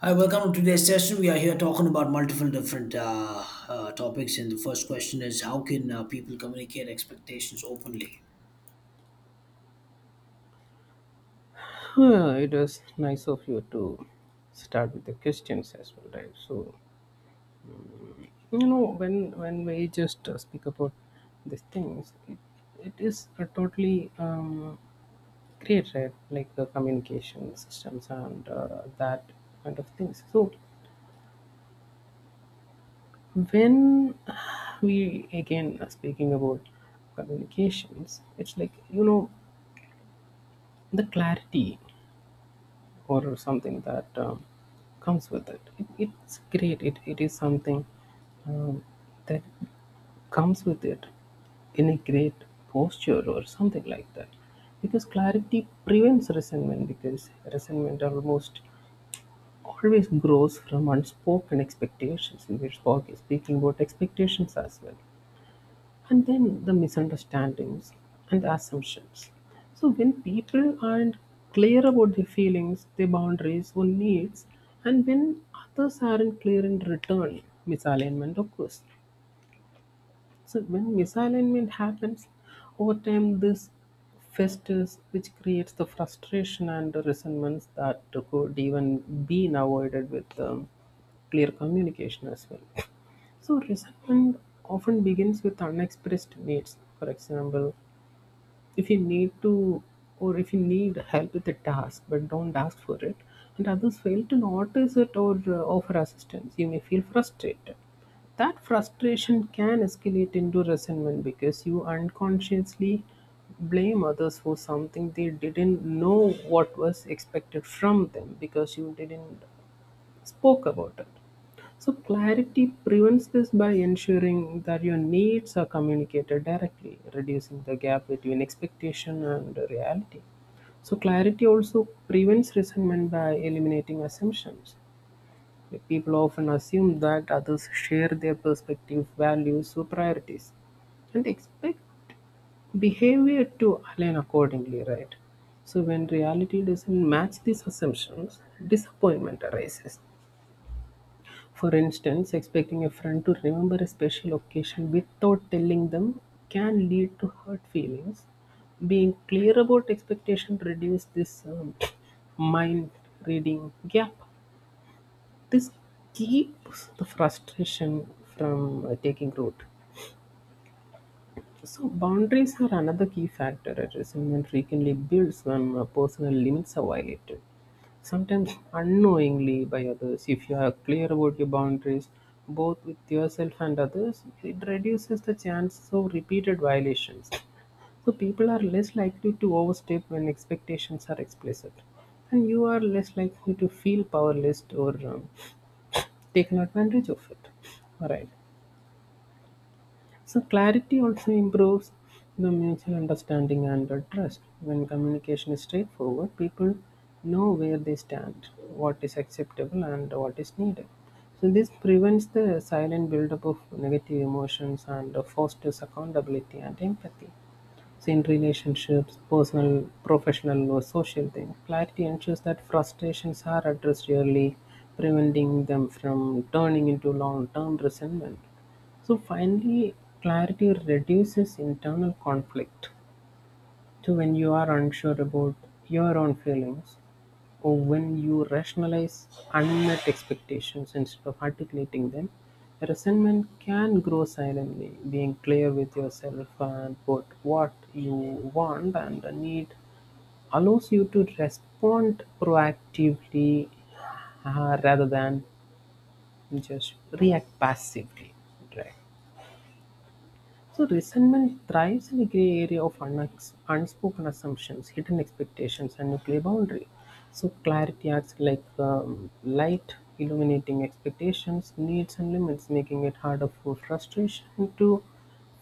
Hi, welcome to today's session. We are here talking about multiple different topics, and the first question is how can people communicate expectations openly? Yeah, it was nice of you to start with the questions as well, right? So when we just speak about these things, it is a totally great, right? Like the communication systems and that kind of things. So when we again are speaking about communications, it's like the clarity or something that comes with it. It's great it is something um, that comes with it in a great posture or something like that, because clarity prevents resentment, because resentment almost always grows from unspoken expectations, and we're speaking about expectations as well, and then the misunderstandings and the assumptions. So when people aren't clear about their feelings, their boundaries, or needs, and when others aren't clear in return, misalignment occurs. So when misalignment happens over time, this festers, which creates the frustration and the resentments that could even be avoided with clear communication as well. So resentment often begins with unexpressed needs. For example, if you need to, or if you need help with a task but don't ask for it, and others fail to notice it or offer assistance, you may feel frustrated. That frustration can escalate into resentment because you unconsciously blame others for something they didn't know what was expected from them because you didn't spoke about it. So, clarity prevents this by ensuring that your needs are communicated directly, reducing the gap between expectation and reality. So, clarity also prevents resentment by eliminating assumptions. Like, people often assume that others share their perspective, values, or priorities, and expect behavior to align accordingly, right? So, when reality doesn't match these assumptions, disappointment arises. For instance, expecting a friend to remember a special occasion without telling them can lead to hurt feelings. Being clear about expectation reduce this mind reading gap. This keeps the frustration from taking root. So boundaries are another key factor at resentment frequently builds when personal limits are violated, sometimes unknowingly by others. If you are clear about your boundaries, both with yourself and others, it reduces the chances of repeated violations. So people are less likely to overstep when expectations are explicit, and you are less likely to feel powerless or taken advantage of it. Alright. So clarity also improves the mutual understanding and the trust. When communication is straightforward, people know where they stand, what is acceptable and what is needed. So this prevents the silent buildup of negative emotions and fosters accountability and empathy. So in relationships, personal, professional, or social thing, clarity ensures that frustrations are addressed early, preventing them from turning into long-term resentment. So finally, clarity reduces internal conflict. So when you are unsure about your own feelings, or when you rationalize unmet expectations instead of articulating them, resentment can grow silently. Being clear with yourself about what you want and need allows you to respond proactively, rather than just react passively. Right. So resentment thrives in a gray area of unspoken assumptions, hidden expectations, and nuclear boundary. So clarity acts like light, illuminating expectations, needs, and limits, making it harder for frustration to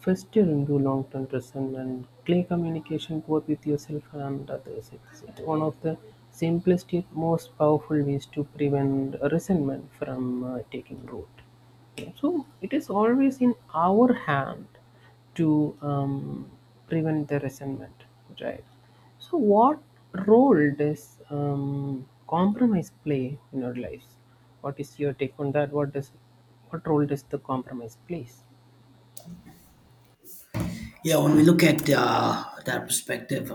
fester into long-term resentment. Clear communication, both with yourself and others, it's one of the simplest yet most powerful ways to prevent resentment from taking root. Okay, so it is always in our hand to prevent the resentment, right? So what role does compromise play in our lives? What is your take on that? What does, what role does the compromise plays? Yeah, when we look at that perspective,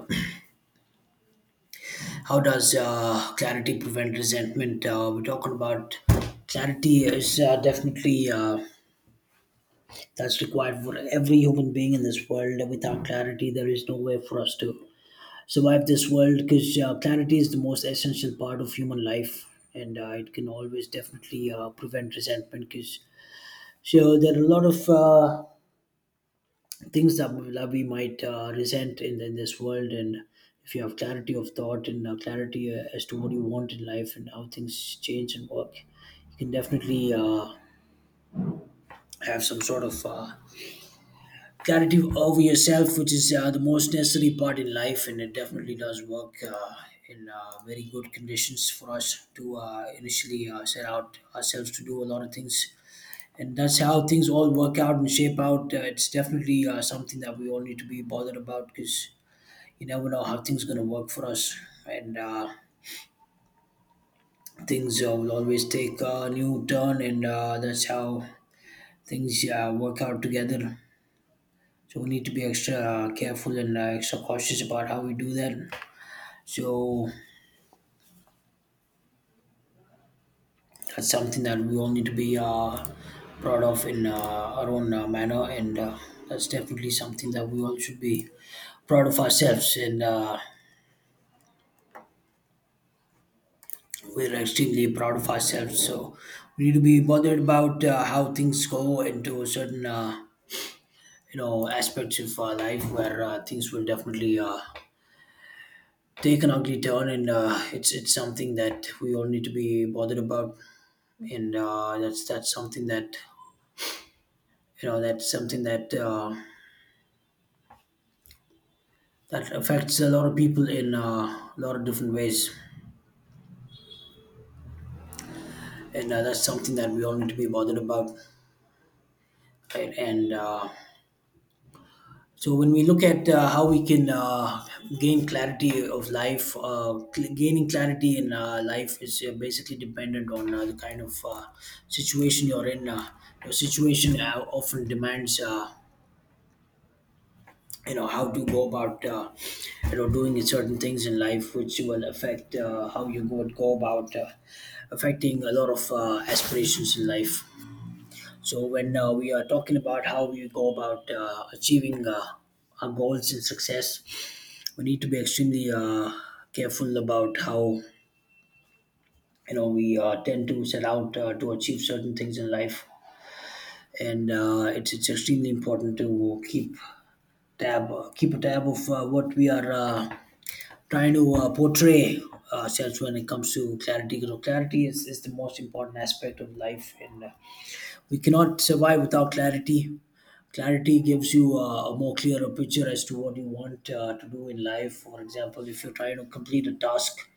how does clarity prevent resentment? We're talking about clarity is definitely that's required for every human being in this world. Without clarity, there is no way for us to survive this world because clarity is the most essential part of human life and it can always definitely prevent resentment because so there are a lot of things that we might resent in this world, and if you have clarity of thought and clarity as to what you want in life and how things change and work, you can definitely have some sort of got over yourself, which is the most necessary part in life, and it definitely does work in very good conditions for us to initially set out ourselves to do a lot of things. And that's how things all work out and shape out. It's definitely something that we all need to be bothered about because you never know how things going to work for us, and things will always take a new turn, and that's how things work out together. So we need to be extra careful and extra cautious about how we do that. So that's something that we all need to be proud of in our own manner, and that's definitely something that we all should be proud of ourselves. And we're extremely proud of ourselves. So we need to be bothered about how things go into certain you know aspects of our life where things will definitely take an ugly turn, and it's something that we all need to be bothered about, and that's something that you know that's something that that affects a lot of people in a lot of different ways, and that's something that we all need to be bothered about, right? And so when we look at how we can gain clarity of life, gaining clarity in life is basically dependent on the kind of situation you're in. Your situation often demands. You know how to go about you know doing certain things in life, which will affect how you go about affecting a lot of aspirations in life. So when we are talking about how we go about achieving our goals and success, we need to be extremely careful about how you know we tend to set out to achieve certain things in life, and it's extremely important to keep tab keep a tab of what we are trying to portray ourselves when it comes to clarity. You know, clarity is the most important aspect of life, and we cannot survive without clarity. Clarity gives you a more clearer picture as to what you want to do in life. For example, if you're trying to complete a task,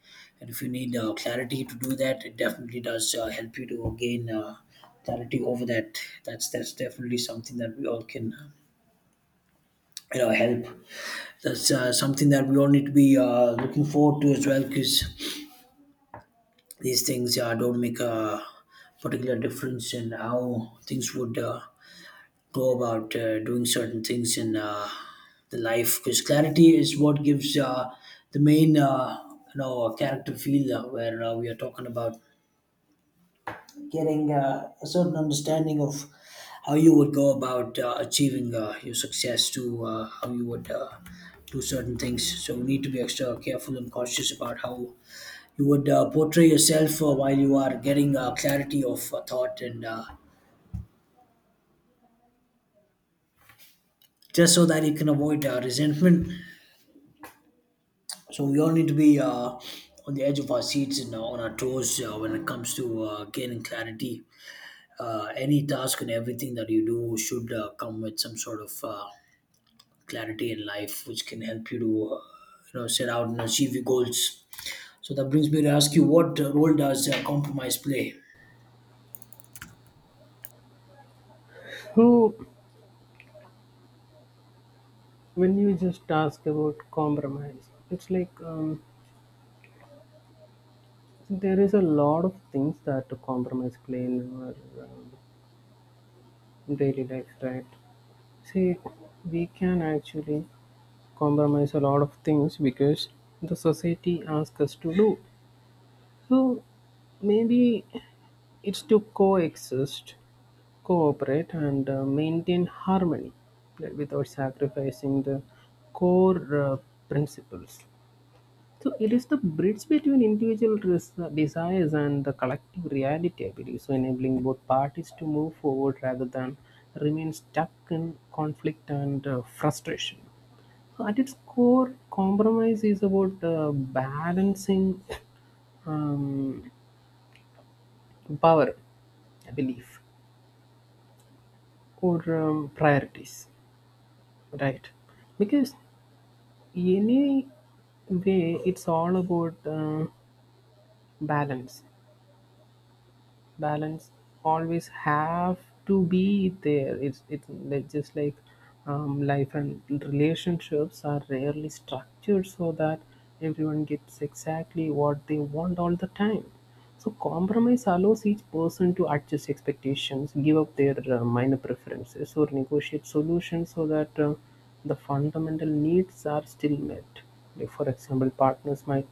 and if you need clarity to do that, it definitely does help you to gain clarity over that. That's definitely something that we all can help. That's something that we all need to be looking forward to as well, because these things yeah don't make a particular difference in how things would go about doing certain things in the life, because clarity is what gives the main you know character feel where we are talking about getting a certain understanding of how you would go about achieving your success to how you would do certain things. So we need to be extra careful and cautious about how you would portray yourself while you are getting clarity of thought, and just so that you can avoid resentment. So we all need to be on the edge of our seats and on our toes when it comes to gaining clarity. Any task and everything that you do should come with some sort of clarity in life, which can help you to you know set out and achieve your goals. So that brings me to ask you, what role does compromise play? So when you just ask about compromise, it's like there is a lot of things that compromise play in our daily life, right? See, we can actually compromise a lot of things because the society asks us to do. So maybe it's to coexist, cooperate, and maintain harmony, like, without sacrificing the core principles. So it is the bridge between individual desires and the collective reality, I believe. So enabling both parties to move forward rather than remain stuck in conflict and frustration. At its core, compromise is about balancing um, power, belief, or priorities, right? Because any way, it's all about balance. Balance always have to be there. Just like life and relationships are rarely structured so that everyone gets exactly what they want all the time. So compromise allows each person to adjust expectations, give up their minor preferences, or negotiate solutions so that the fundamental needs are still met. Like, for example, partners might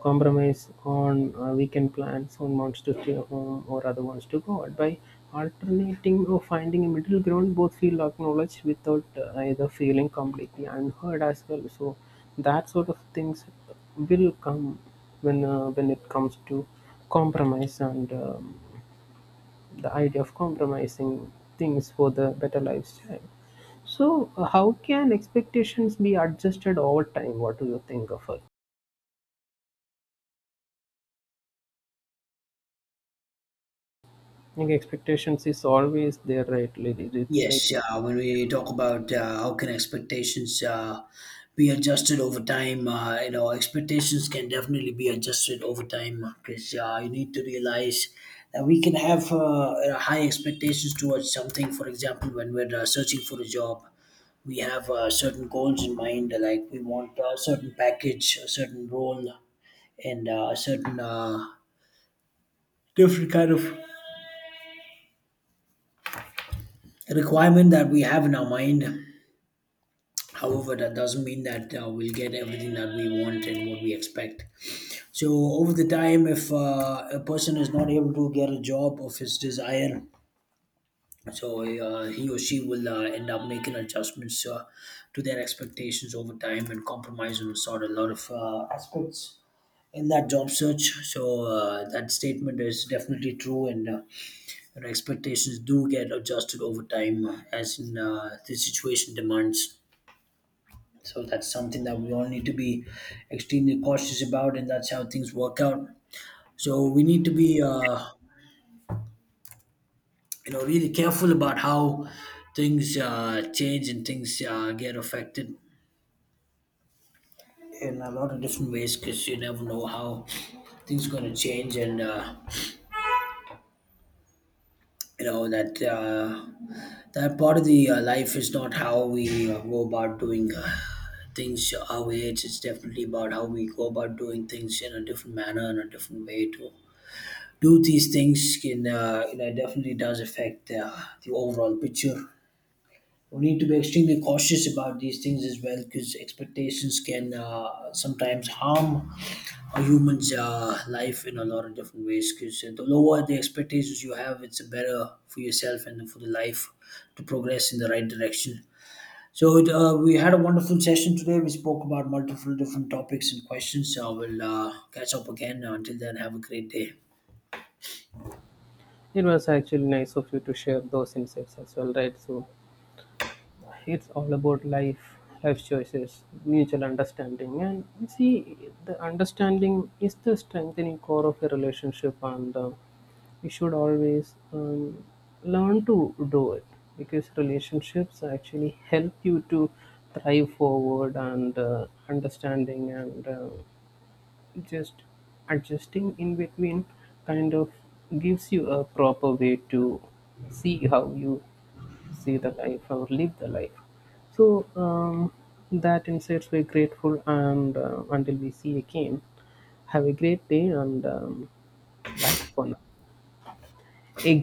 compromise on weekend plans. On wants to stay home or other wants to go out. By alternating or finding a middle ground, both feel acknowledged without either feeling completely unheard as well. So that sort of things will come when it comes to compromise and the idea of compromising things for the better lifestyle. So, how can expectations be adjusted over time? What do you think of it? Like expectations is always there, right, ladies? It's like, Yes, when we talk about how can expectations be adjusted over time, you know, expectations can definitely be adjusted over time, because you need to realize that we can have high expectations towards something. For example, when we're searching for a job, we have certain goals in mind, like we want a certain package, a certain role, and a certain different kind of requirement that we have in our mind. However, that doesn't mean that we'll get everything that we want and what we expect. So, over the time, if a person is not able to get a job of his desire, so he or she will end up making adjustments to their expectations over time and compromise on sort of a lot of aspects in that job search. So, that statement is definitely true, and you expectations do get adjusted over time as in, the situation demands. So that's something that we all need to be extremely cautious about, and that's how things work out. So we need to be, you know, really careful about how things change and things get affected in a lot of different ways, because you never know how things are going to change, and you know that that part of the life is not how we go about doing. Things our way, it's definitely about how we go about doing things in a different manner, and a different way to do these things can you know definitely does affect the overall picture. We need to be extremely cautious about these things as well, because expectations can sometimes harm a human's life in a lot of different ways. Because the lower the expectations you have, it's better for yourself and for the life to progress in the right direction. So it, we had a wonderful session today. We spoke about multiple different topics and questions. So we'll catch up again. Until then, have a great day. it was actually nice of you to share those insights as well, right? So it's all about life, life choices, mutual understanding, and you see, the understanding is the strengthening core of a relationship, and we should always learn to do it, because relationships actually help you to thrive forward, and understanding and just adjusting in between kind of gives you a proper way to see how you see the life or live the life. So that insights we're grateful, and until we see again, have a great day and bye for now. Again.